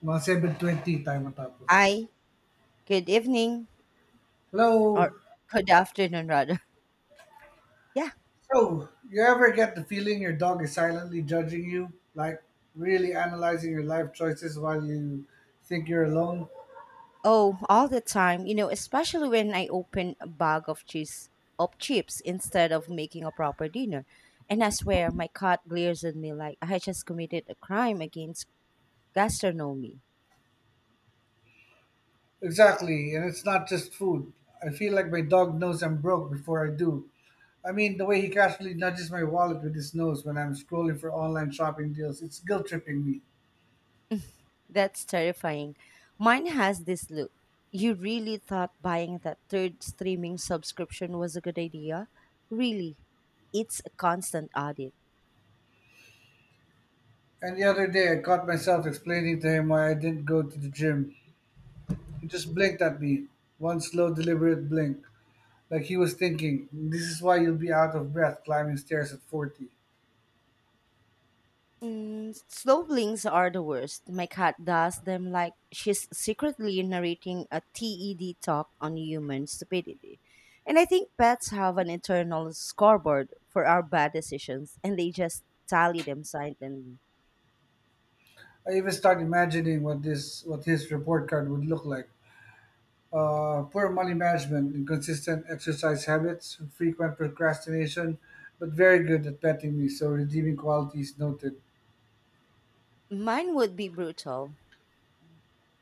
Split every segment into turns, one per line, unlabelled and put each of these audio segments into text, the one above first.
Mga 7:20 tayo matapos.
Hi, good evening, or
Hello!
good afternoon, rather. Yeah.
So, you ever get the feeling your dog is silently judging you? Like, really analyzing your life choices while you think you're alone?
Oh, all the time, especially when I open a bag of cheese of chips instead of making a proper dinner. And I swear my cat glares at me like I just committed a crime against gastronomy.
Exactly, and it's not just food. I feel like my dog knows I'm broke before I do. I mean, the way he casually nudges my wallet with his nose when I'm scrolling for online shopping deals, it's guilt tripping me.
That's terrifying. Mine has this look. You really thought buying that third streaming subscription was a good idea? Really? It's a constant audit.
And the other day, I caught myself explaining to him why I didn't go to the gym. He just blinked at me, one slow, deliberate blink. Like he was thinking, this is why you'll be out of breath climbing stairs at 40.
Mm, slow blinks are the worst. My cat does them like she's secretly narrating a TED talk on human stupidity. And I think pets have an internal scoreboard for our bad decisions, and they just tally them silently.
I even start imagining what his report card would look like. Poor money management, inconsistent exercise habits, frequent procrastination, but very good at petting me, so redeeming qualities noted.
Mine would be brutal.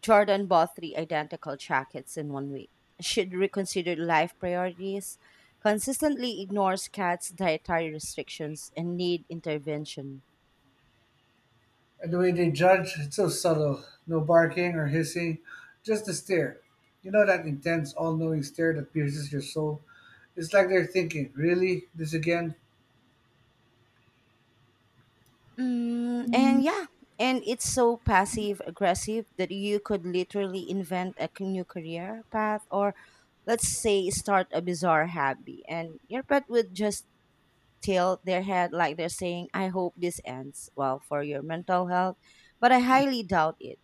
Jordan bought three identical jackets in 1 week. Should reconsider life priorities. Consistently ignores cats' dietary restrictions and need intervention.
And the way they judge, it's so subtle. No barking or hissing, just a stare. You know that intense, all knowing stare that pierces your soul? It's like they're thinking, really? This again?
Mm, and yeah, and it's so passive aggressive that you could literally invent a new career path, or let's say start a bizarre hobby, and your pet would just tilt their head like they're saying, I hope this ends well for your mental health, but I highly doubt it.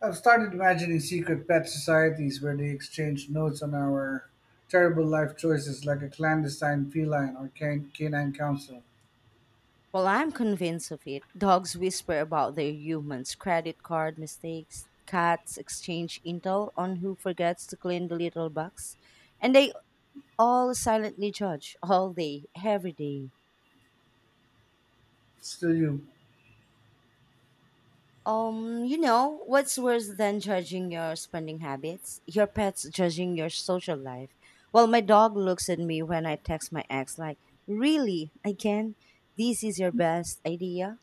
I've started imagining secret pet societies where they exchange notes on our terrible life choices, like a clandestine feline or canine council.
Well, I'm convinced of it. Dogs whisper about their humans' credit card mistakes, cats exchange intel on who forgets to clean the little box, and they all silently judge all day, every day.
Still, you.
What's worse than judging your spending habits? Your pets judging your social life. Well, my dog looks at me when I text my ex, like, really? Again? This is your best idea?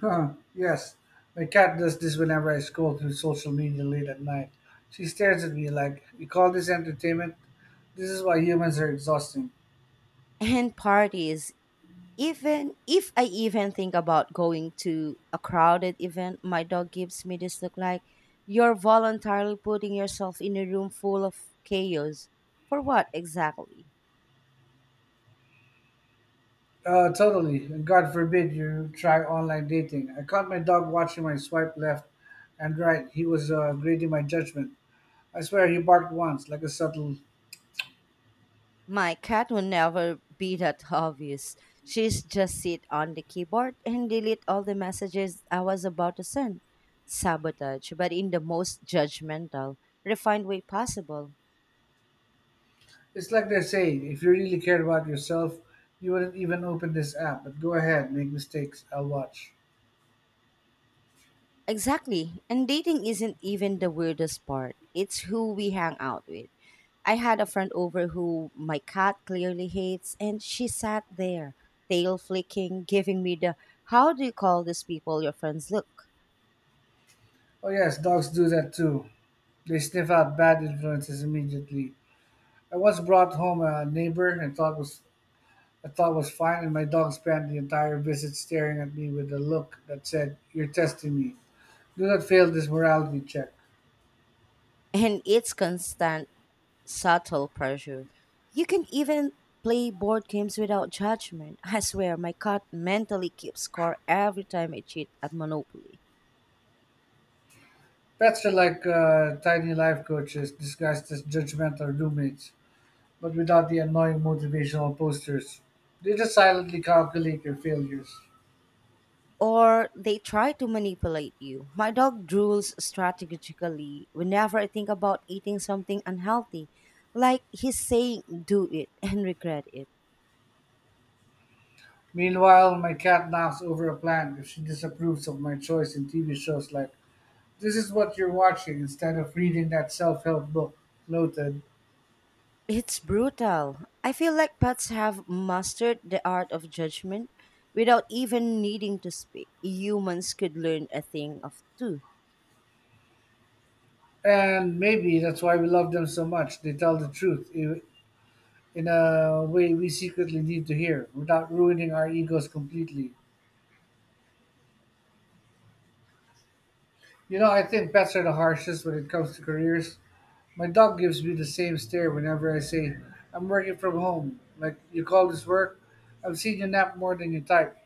Huh, yes. My cat does this whenever I scroll through social media late at night. She stares at me like, you call this entertainment? This is why humans are exhausting.
And parties. Even if I even think about going to a crowded event, my dog gives me this look like, you're voluntarily putting yourself in a room full of chaos. For what exactly?
Totally. And God forbid you try online dating. I caught my dog watching my swipe left and right. He was grading my judgment. I swear he barked once, like a subtle.
My cat will never be that obvious. She's just sit on the keyboard and delete all the messages I was about to send. Sabotage, but in the most judgmental, refined way possible.
It's like they're saying, if you really cared about yourself, you wouldn't even open this app, but go ahead, make mistakes, I'll watch.
Exactly. And dating isn't even the weirdest part. It's who we hang out with. I had a friend over who my cat clearly hates, and she sat there, tail flicking, giving me the, how do you call these people your friends look?
Oh, yes, dogs do that too. They sniff out bad influences immediately. I once brought home a neighbor and thought was fine, and my dog spent the entire visit staring at me with a look that said, "You're testing me. Do not fail this morality check."
And it's constant subtle pressure. You can even play board games without judgment. I swear, my cat mentally keeps score every time I cheat at Monopoly.
Pets are like tiny life coaches disguised as judgmental roommates, but without the annoying motivational posters. They just silently calculate your failures.
Or they try to manipulate you. My dog drools strategically whenever I think about eating something unhealthy, like he's saying, do it and regret it.
Meanwhile, my cat knocks over a plant if she disapproves of my choice in TV shows, like, this is what you're watching instead of reading that self help book. Noted.
It's brutal. I feel like pets have mastered the art of judgment without even needing to speak. Humans could learn a thing of two.
And maybe that's why we love them so much. They tell the truth in a way we secretly need to hear without ruining our egos completely. You know, I think pets are the harshest when it comes to careers. My dog gives me the same stare whenever I say, I'm working from home. Like, you call this work? I've seen you nap more than you type.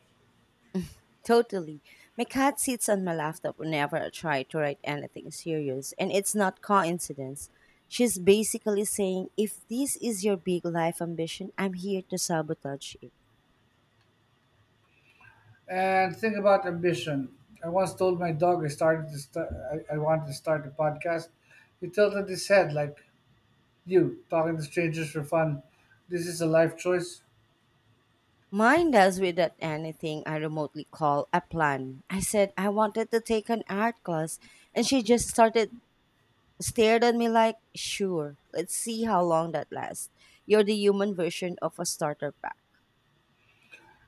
Totally. My cat sits on my laptop whenever I try to write anything serious, and it's not coincidence. She's basically saying, if this is your big life ambition, I'm here to sabotage it.
And think about ambition. I once told my dog I started to st- I wanted to start a podcast. He tilted his head like, you, talking to strangers for fun. This is a life choice.
Mine does without anything I remotely call a plan. I said I wanted to take an art class, and she just started stared at me like, sure, let's see how long that lasts. You're the human version of a starter pack.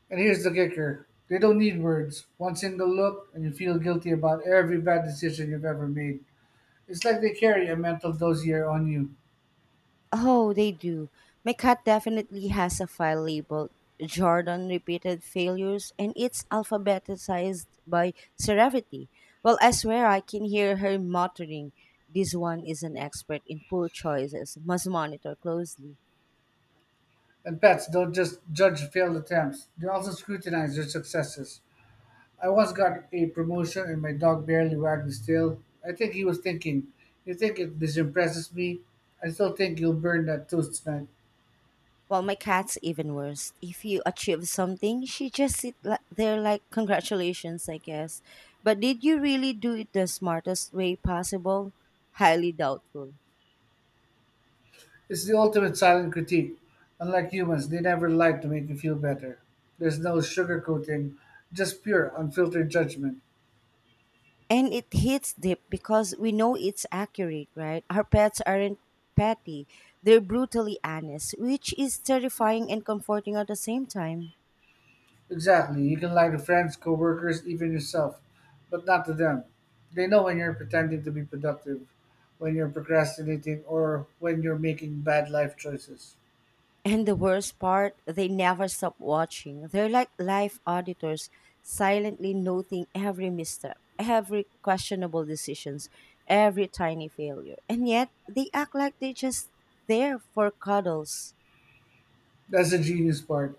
And here's the kicker. They don't need words. One single look, and you feel guilty about every bad decision you've ever made. It's like they carry a mental dossier on you.
Oh, they do. My cat definitely has a file labeled Jordan repeated failures, and it's alphabetized by severity. Well, I swear I can hear her muttering, this one is an expert in poor choices, must monitor closely.
And pets don't just judge failed attempts, they also scrutinize their successes. I once got a promotion and my dog barely wagged his tail. I think he was thinking, you think it this impresses me? I still think you'll burn that toast tonight.
Well, my cat's even worse. If you achieve something, she just there like, congratulations, I guess. But did you really do it the smartest way possible? Highly doubtful.
It's the ultimate silent critique. Unlike humans, they never lie to make you feel better. There's no sugarcoating, just pure, unfiltered judgment.
And it hits deep because we know it's accurate, right? Our pets aren't petty, they're brutally honest, which is terrifying and comforting at the same time.
Exactly. You can lie to friends, coworkers, even yourself, but not to them. They know when you're pretending to be productive, when you're procrastinating, or when you're making bad life choices.
And the worst part, they never stop watching. They're like live auditors, silently noting every misstep, every questionable decisions, every tiny failure. And yet, they act like they're just there for cuddles.
That's the genius part.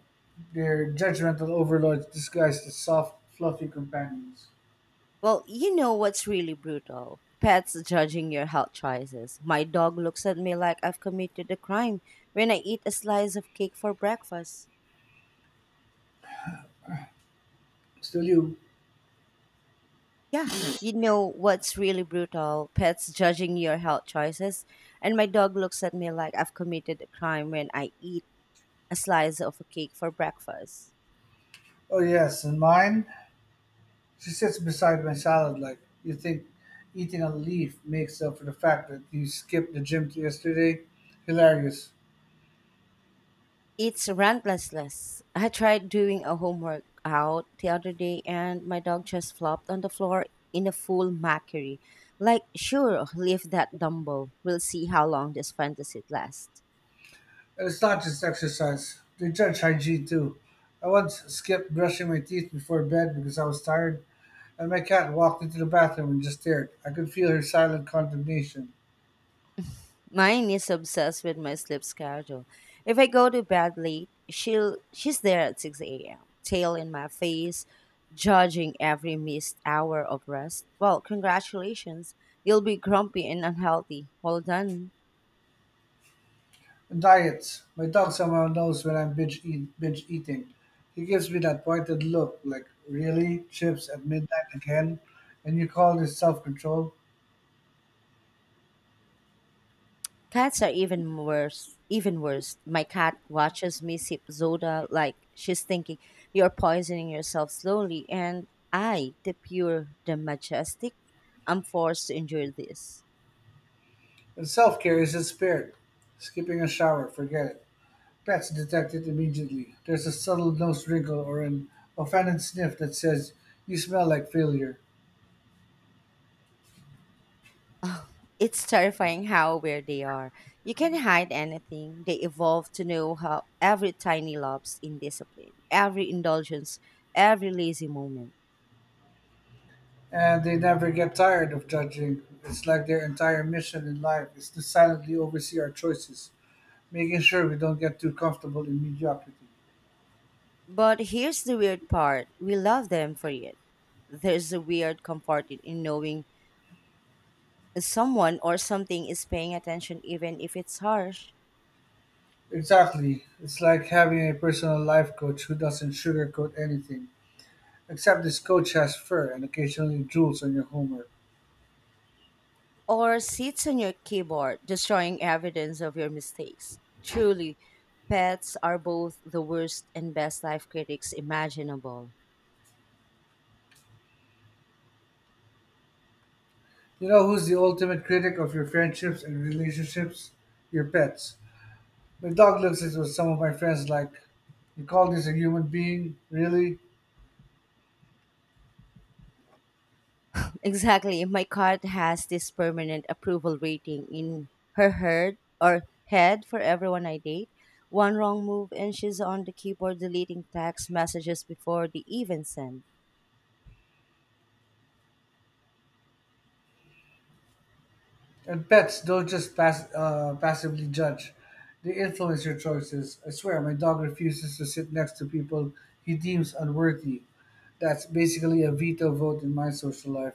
They're judgmental overlords disguised as soft, fluffy companions.
Well, you know what's really brutal? Pets judging your health choices. My dog looks at me like I've committed a crime when I eat a slice of cake for breakfast.
Still you.
Yeah, you know what's really brutal? Pets judging your health choices. And my dog looks at me like I've committed a crime when I eat a slice of a cake for breakfast.
Oh, yes, and mine? She sits beside my salad like, you think eating a leaf makes up for the fact that you skipped the gym yesterday. Hilarious.
It's relentless. I tried doing a home workout the other day, and my dog just flopped on the floor in a full mockery. Like, sure, lift that dumbbell. We'll see how long this fantasy lasts.
And it's not just exercise. They judge hygiene too. I once skipped brushing my teeth before bed because I was tired, and my cat walked into the bathroom and just stared. I could feel her silent condemnation.
Mine is obsessed with my sleep schedule. If I go to bed late, she's there at 6 a.m., tail in my face, judging every missed hour of rest. Well, congratulations. You'll be grumpy and unhealthy. Well done.
And diets. My dog somehow knows when I'm binge eating. He gives me that pointed look, like, really? Chips at midnight again? And you call this self control?
Cats are even worse. Even worse. My cat watches me sip soda like she's thinking, you're poisoning yourself slowly. And I, the pure, the majestic, am forced to endure this.
And self care is not spared. Skipping a shower, forget it. Pets detect it immediately. There's a subtle nose wrinkle or an offended sniff that says, you smell like failure.
It's terrifying how aware they are. You can hide anything. They evolve to know how every tiny lapse in discipline, every indulgence, every lazy moment.
And they never get tired of judging. It's like their entire mission in life is to silently oversee our choices, making sure we don't get too comfortable in mediocrity.
But here's the weird part, we love them for it. There's a weird comfort in knowing someone or something is paying attention, even if it's harsh,
Exactly. It's like having a personal life coach who doesn't sugarcoat anything, except this coach has fur and occasionally drools on your homework.
or sits on your keyboard, destroying evidence of your mistakes. Truly, pets are both the worst and best life critics imaginable.
You know who's the ultimate critic of your friendships and relationships? Your pets. My dog looks at what some of my friends like. You call this a human being? Really?
Exactly. My cat has this permanent approval rating in her herd or head for everyone I date. One wrong move, and she's on the keyboard deleting text messages before they even send.
And pets don't just passively judge. They influence your choices. I swear, my dog refuses to sit next to people he deems unworthy. That's basically a veto vote in my social life.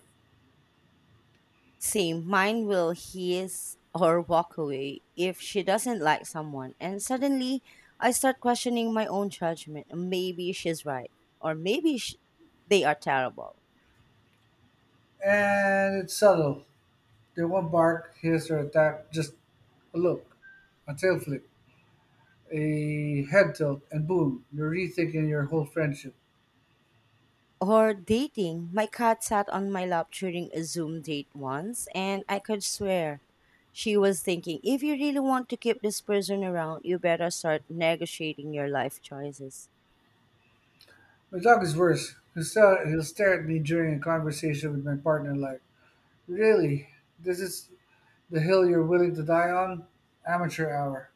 Same, mine will hiss or walk away if she doesn't like someone. And suddenly, I start questioning my own judgment. Maybe she's right, or maybe they are terrible.
And it's subtle. They won't bark, hiss, or attack, just a look, a tail flick, a head tilt, and boom, you're rethinking your whole friendship.
Or dating, my cat sat on my lap during a Zoom date once, and I could swear she was thinking, if you really want to keep this person around, you better start negotiating your life choices.
My dog is worse. He'll stare at me during a conversation with my partner like, really? This is the hill you're willing to die on? Amateur hour.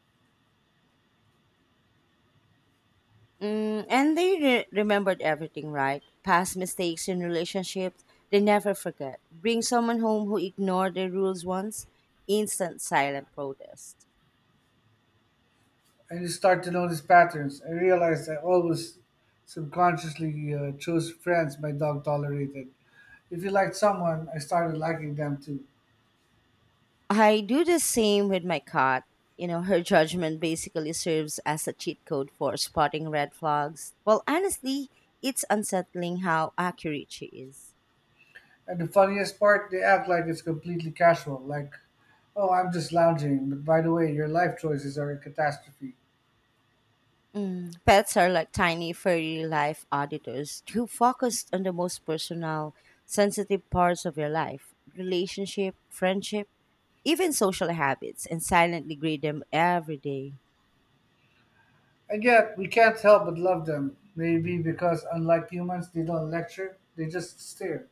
Mm, and they remembered everything, right? Past mistakes in relationships, they never forget. Bring someone home who ignored the rules once, instant silent protest.
And you start to notice patterns. I realized I always subconsciously chose friends my dog tolerated. If you liked someone, I started liking them too.
I do the same with my cat. You know, her judgment basically serves as a cheat code for spotting red flags. Well, honestly, it's unsettling how accurate she is.
And the funniest part, they act like it's completely casual. Like, oh, I'm just lounging, but by the way, your life choices are a catastrophe.
Mm, pets are like tiny furry life auditors who focus on the most personal, sensitive parts of your life, relationship, friendship, even social habits, and silently grade them every day.
And yet, we can't help but love them. Maybe because, unlike humans, they don't lecture, they just stare.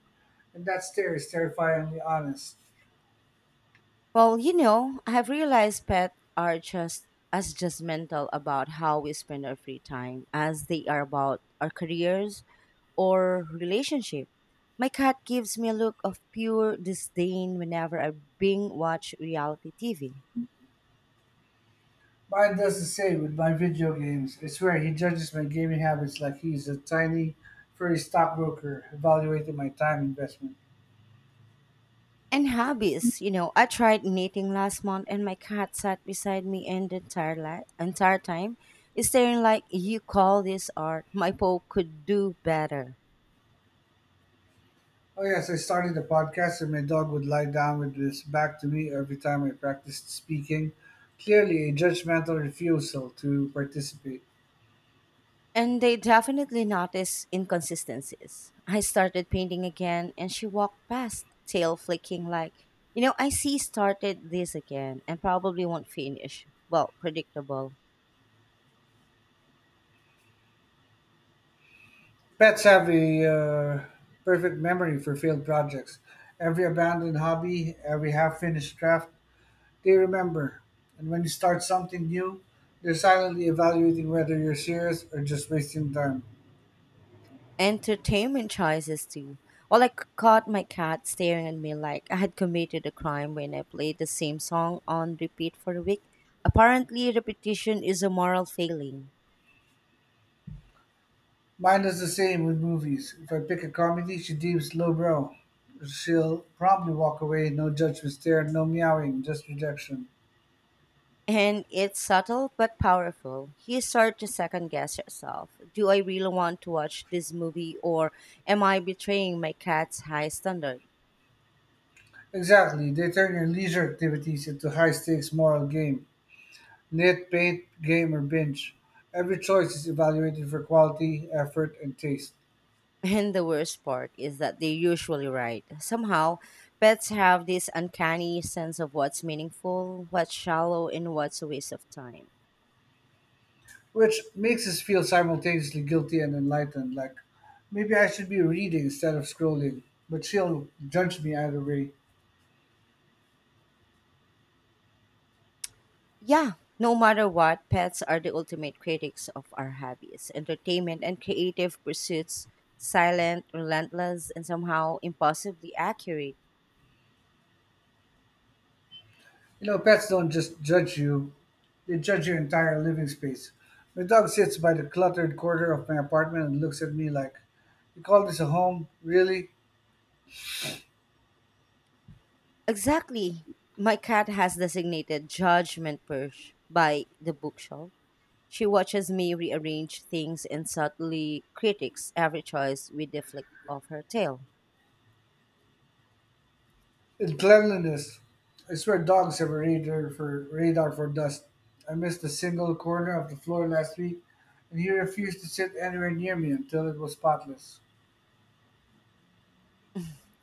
And that stare is terrifyingly honest.
Well, you know, I've realized pets are just as judgmental about how we spend our free time as they are about our careers or relationship. My cat gives me a look of pure disdain whenever I bing watch reality TV.
Mine does the same with my video games. I swear he judges my gaming habits like he's a tiny, furry stockbroker evaluating my time investment.
And hobbies, you know, I tried knitting last month, and my cat sat beside me and the entire time, staring like, you call this art, my Pope could do better.
Oh, yes, I started a podcast and my dog would lie down with his back to me every time I practiced speaking. Clearly, a judgmental refusal to participate.
And they definitely noticed inconsistencies. I started painting again, and she walked past, tail flicking like, you know, I see started this again and probably won't finish. Well, predictable.
Pets have a perfect memory for failed projects. Every abandoned hobby, every half finished draft, they remember. And when you start something new, they're silently evaluating whether you're serious or just wasting time.
Entertainment choices too. Well, I caught my cat staring at me like I had committed a crime when I played the same song on repeat for a week. Apparently, repetition is a moral failing.
Mine is the same with movies. If I pick a comedy she deems lowbrow, she'll promptly walk away, no judgment stare, no meowing, just rejection.
And it's subtle but powerful. You start to second guess yourself. Do I really want to watch this movie, or am I betraying my cat's high standard?
Exactly, they turn your leisure activities into high stakes moral game. Knit, paint, game or binge. Every choice is evaluated for quality, effort, and taste,
And the worst part is that they're usually right. Somehow, pets have this uncanny sense of what's meaningful, what's shallow, and what's a waste of time.
which makes us feel simultaneously guilty and enlightened. Like, maybe I should be reading instead of scrolling, but she'll judge me either way.
Yeah, no matter what, pets are the ultimate critics of our hobbies, entertainment, and creative pursuits, silent, relentless, and somehow impossibly accurate.
You know, pets don't just judge you, they judge your entire living space. My dog sits by the cluttered corner of my apartment and looks at me like, you call this a home? Really?
Exactly. My cat has designated judgment purge by the bookshelf. She watches me rearrange things and subtly critiques every choice with the flick of her tail.
And cleanliness. I swear dogs have a radar for dust. I missed a single corner of the floor last week, and he refused to sit anywhere near me until it was spotless.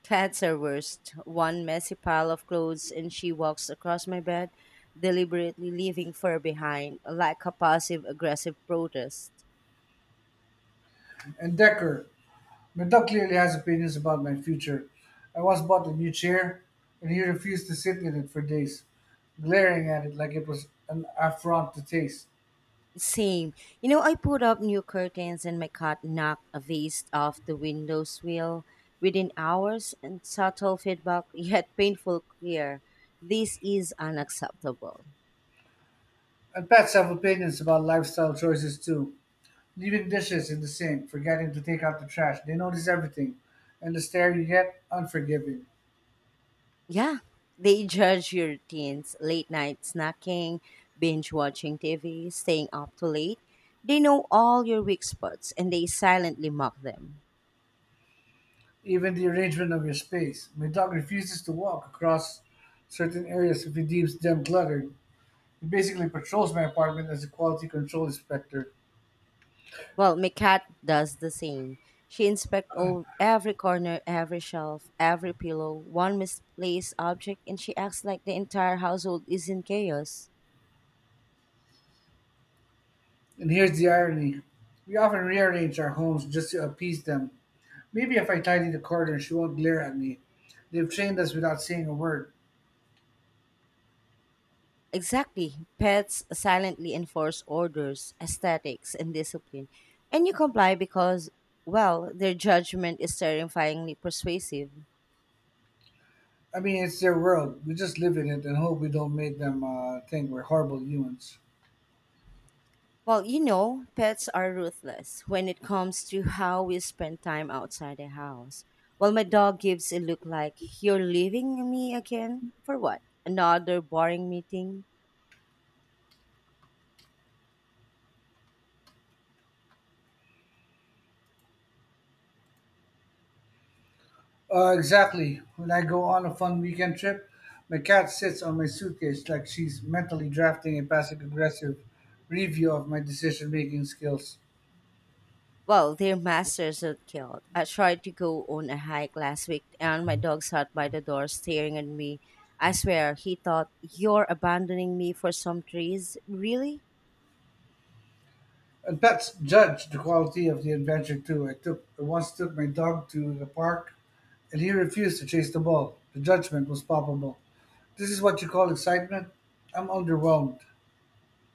Cats are worst. One messy pile of clothes, and she walks across my bed, deliberately leaving fur behind, like a passive aggressive protest.
And Decker. My dog clearly has opinions about my future. I once bought a new chair, and he refused to sit in it for days, glaring at it like it was an affront to taste.
Same. You know, I put up new curtains, and my cat knocked a vase off the window sill within hours, and subtle feedback, yet painful clear. This is unacceptable.
And pets have opinions about lifestyle choices too. Leaving dishes in the sink, forgetting to take out the trash. They notice everything, and the stare you get unforgiving,
Yeah, they judge your teens, late night snacking, binge watching TV, staying up too late. They know all your weak spots, and they silently mock them.
even the arrangement of your space. My dog refuses to walk across certain areas if he deems them cluttered. He basically patrols my apartment as a quality control inspector.
Well, my cat does the same. She inspects all, every corner, every shelf, every pillow, one misplaced object, and she acts like the entire household is in chaos.
And here's the irony, we often rearrange our homes just to appease them. Maybe if I tidy the corner, she won't glare at me. They've trained us without saying a word.
Exactly. Pets silently enforce orders, aesthetics, and discipline. And you comply because, well, their judgment is terrifyingly persuasive.
I mean, it's their world. We just live in it and hope we don't make them think we're horrible humans.
Well, you know, pets are ruthless when it comes to how we spend time outside the house. Well, my dog gives a look like, you're leaving me again? For what? Another boring meeting?
Exactly. When I go on a fun weekend trip, my cat sits on my suitcase like she's mentally drafting a passive aggressive review of my decision making skills.
Well, their masters are killed. I tried to go on a hike last week, and my dog sat by the door staring at me. I swear, he thought, you're abandoning me for some trees? Really?
And pets judge the quality of the adventure too. I once took my dog to the park and he refused to chase the ball. The judgment was palpable. This is what you call excitement? I'm underwhelmed.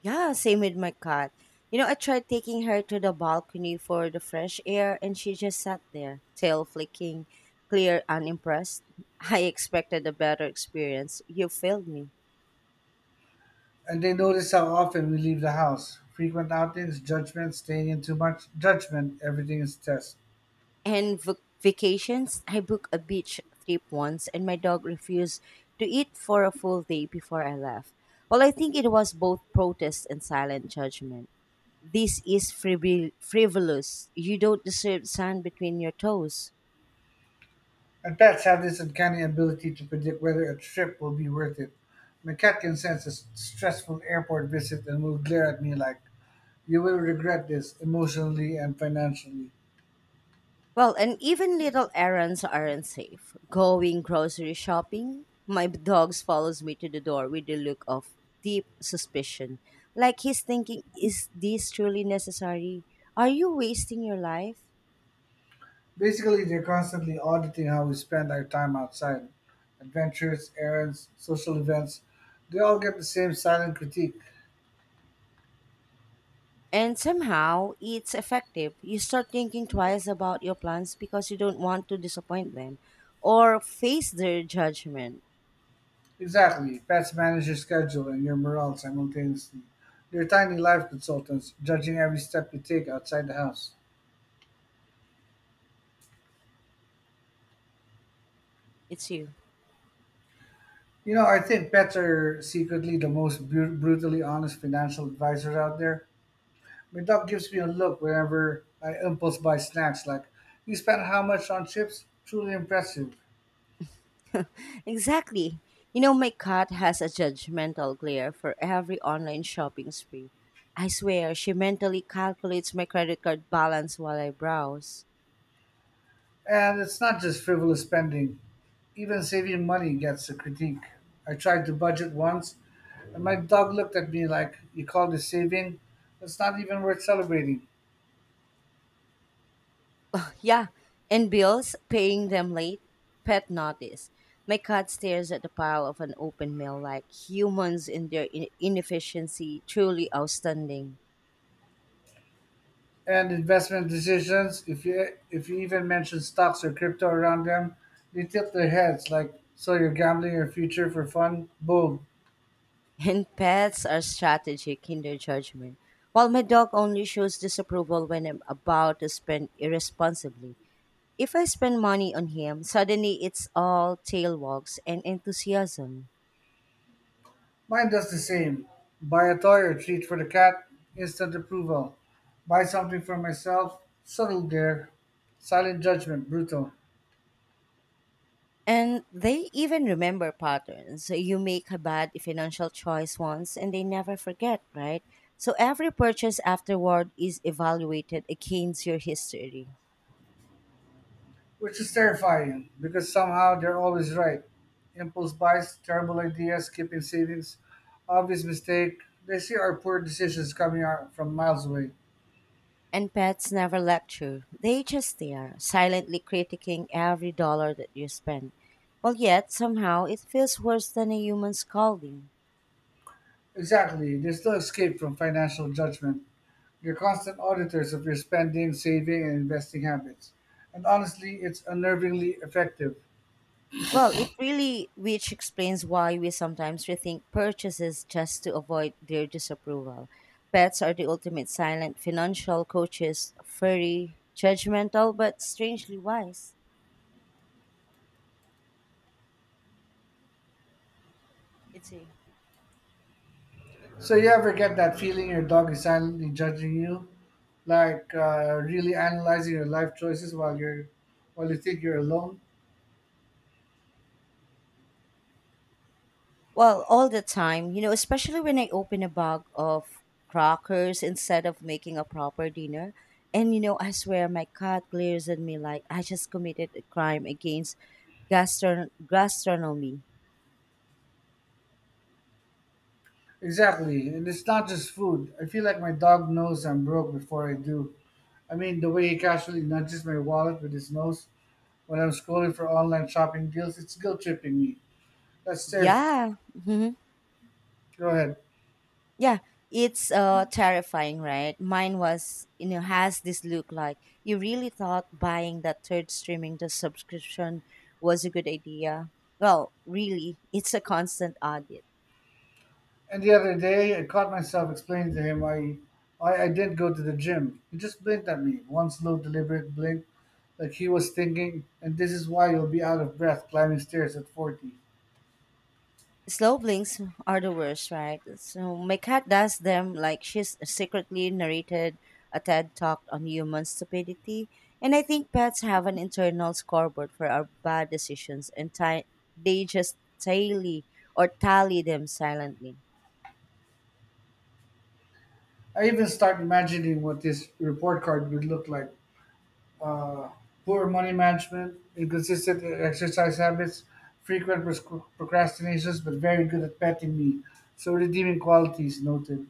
Yeah, same with my cat. You know, I tried taking her to the balcony for the fresh air and she just sat there, tail flicking, clear, unimpressed. I expected a better experience. You failed me.
And they notice how often we leave the house. Frequent outings, judgment, staying in too much, judgment, everything is test.
And vacations, I booked a beach trip once and my dog refused to eat for a full day before I left. Well, I think it was both protest and silent judgment. This is frivolous. You don't deserve sand between your toes.
And pets have this uncanny ability to predict whether a trip will be worth it. My cat can sense a stressful airport visit and will glare at me like, you will regret this emotionally and financially.
Well, and even little errands aren't safe. Going grocery shopping, my dog follows me to the door with a look of deep suspicion. Like he's thinking, is this truly necessary? Are you wasting your life?
Basically, they're constantly auditing how we spend our time outside. Adventures, errands, social events, they all get the same silent critique.
And somehow it's effective. You start thinking twice about your plans because you don't want to disappoint them or face their judgment.
Exactly, pets manage your schedule and your morale simultaneously. They're tiny life consultants, judging every step you take outside the house.
It's you.
You know, I think pets are secretly the most brutally honest financial advisors out there. My dog gives me a look whenever I impulse buy snacks, like, you spent how much on chips? Truly impressive.
Exactly. You know, my cat has a judgmental glare for every online shopping spree. I swear, she mentally calculates my credit card balance while I browse.
And it's not just frivolous spending, even saving money gets a critique. I tried to budget once, and my dog looked at me like, you call this saving? It's not even worth celebrating.
Yeah, and bills, paying them late, pet notice. My cat stares at the pile of an open mail like humans in their inefficiency, truly outstanding.
And investment decisions. If you even mention stocks or crypto around them, they tilt their heads like, "So you're gambling your future for fun?" Boom.
And pets are strategic in their judgment. While my dog only shows disapproval when I'm about to spend irresponsibly. If I spend money on him, suddenly it's all tail wags and enthusiasm.
Mine does the same. Buy a toy or treat for the cat, instant approval. Buy something for myself, subtle there, silent judgment, brutal,
And they even remember patterns. So, you make a bad financial choice once and they never forget, right? So every purchase afterward is evaluated against your history.
which is terrifying because somehow they're always right. Impulse buys, terrible ideas, skipping savings, obvious mistake. They see our poor decisions coming out from miles away.
And pets never lecture. They just stare, silently critiquing every dollar that you spend. Well, yet somehow it feels worse than a human scolding.
Exactly. There's no escape from financial judgment. You're constant auditors of your spending, saving, and investing habits. And honestly, it's unnervingly effective.
Well, it really, which explains why we sometimes rethink purchases just to avoid their disapproval. Pets are the ultimate silent financial coaches, furry, judgmental, but strangely wise. It's a
So, you ever get that feeling your dog is silently judging you? Like really analyzing your life choices while you're while you think you're alone?
well, all the time, you know, especially when I open a bag of crackers instead of making a proper dinner. And, you know, I swear my cat glares at me like I just committed a crime against gastronomy.
Exactly. And it's not just food. I feel like my dog knows I'm broke before I do. I mean, the way he casually nudges my wallet with his nose when I'm scrolling for online shopping deals, it's guilt tripping me. That's terrifying.
Yeah.
Go ahead.
Yeah, it's terrifying, right? Mine was, you know, has this look like you really thought buying that third streaming the subscription was a good idea. Well, really, it's a constant audit.
And the other day, I caught myself explaining to him, why I didn't go to the gym. He just blinked at me, one slow, deliberate blink, like he was thinking, and this is why you'll be out of breath climbing stairs at 40.
Slow blinks are the worst, right? So my cat does them like she's secretly narrated a TED talk on human stupidity. And I think pets have an internal scoreboard for our bad decisions and they just tally or tally them silently.
I even start imagining what this report card would look like. Uh, Poor money management, inconsistent exercise habits, frequent procrastinations, but very good at petting me. So redeeming qualities noted.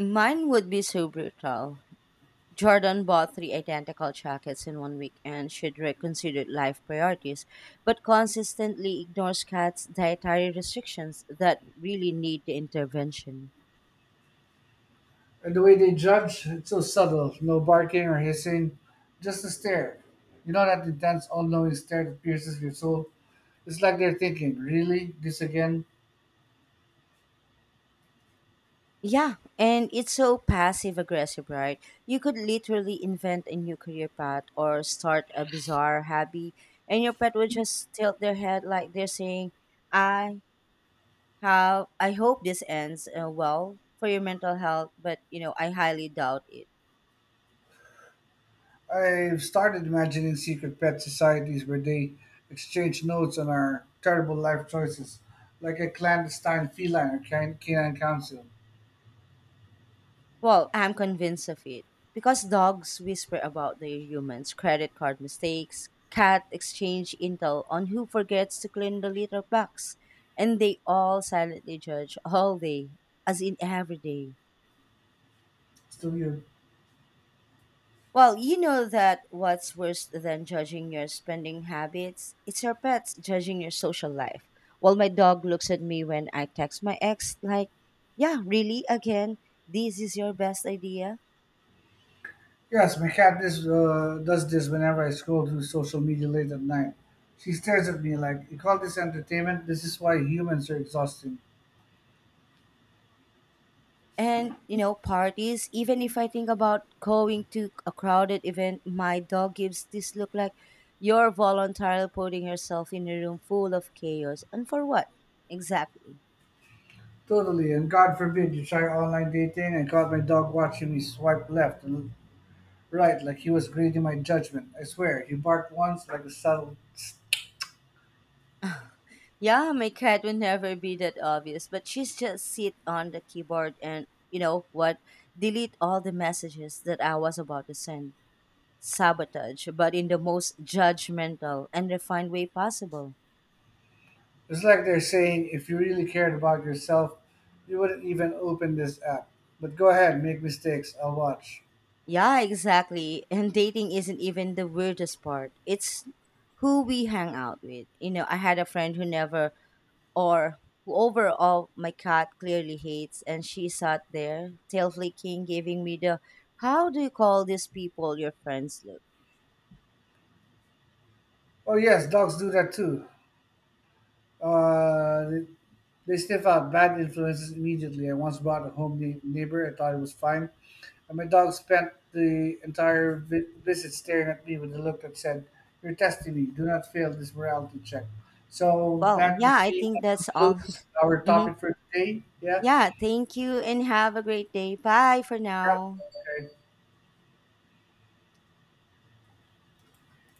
Mine would be so brutal. Jordan bought three identical jackets in one week and should reconsider life priorities, but consistently ignores cats' dietary restrictions that really need the intervention.
And the way they judge, it's so subtle. No barking or hissing, just a stare. You know that intense, all-knowing stare that pierces your soul? It's like they're thinking, really? This again?
Yeah, and it's so passive aggressive, right? You could literally invent a new career path or start a bizarre hobby, and your pet would just tilt their head like they're saying, I how I hope this ends well for your mental health, but you know, I highly doubt it.
I've started imagining secret pet societies where they exchange notes on our terrible life choices, like a clandestine feline or canine council.
Well, I'm convinced of it because dogs whisper about their humans' credit card mistakes. Cat exchange intel on who forgets to clean the litter box, and they all silently judge all day, as in every day.
Still weird.
Well, you know that what's worse than judging your spending habits? It's your pets judging your social life. Well, my dog looks at me when I text my ex, like, yeah, really? Again, this is your best idea?
Yes, my cat does this whenever I scroll through social media late at night. She stares at me like, you call this entertainment? This is why humans are exhausting.
And, you know, parties, even if I think about going to a crowded event, my dog gives this look like you're voluntarily putting yourself in a room full of chaos. And for what? Exactly.
Totally, and God forbid you try online dating and caught my dog watching me swipe left and right like he was grading my judgment. I swear, he barked once like a subtle.
Yeah, my cat would never be that obvious, but she's just sit on the keyboard and you know what? Delete all the messages that I was about to send. Sabotage, but in the most judgmental and refined way possible.
It's like they're saying, if you really cared about yourself, you wouldn't even open this app. But go ahead, make mistakes, I'll watch.
Yeah, exactly. And dating isn't even the weirdest part. It's who we hang out with. You know, I had a friend who never or who overall my cat clearly hates, and she sat there, tail flicking, giving me the how do you call these people your friends look.
Oh, yes, dogs do that too. Uh, They sniff out bad influences immediately. I once bought a home neighbor. I thought it was fine, and my dog spent the entire visit staring at me with a look that said, "You're testing me. Do not fail this morality check." So
Well,
that would
yeah, I
be
think
that
that's all.
concludes our
Mhm.
topic for today. Yeah.
Yeah, thank you and have a great day. Bye for
Yep.
now.
Okay.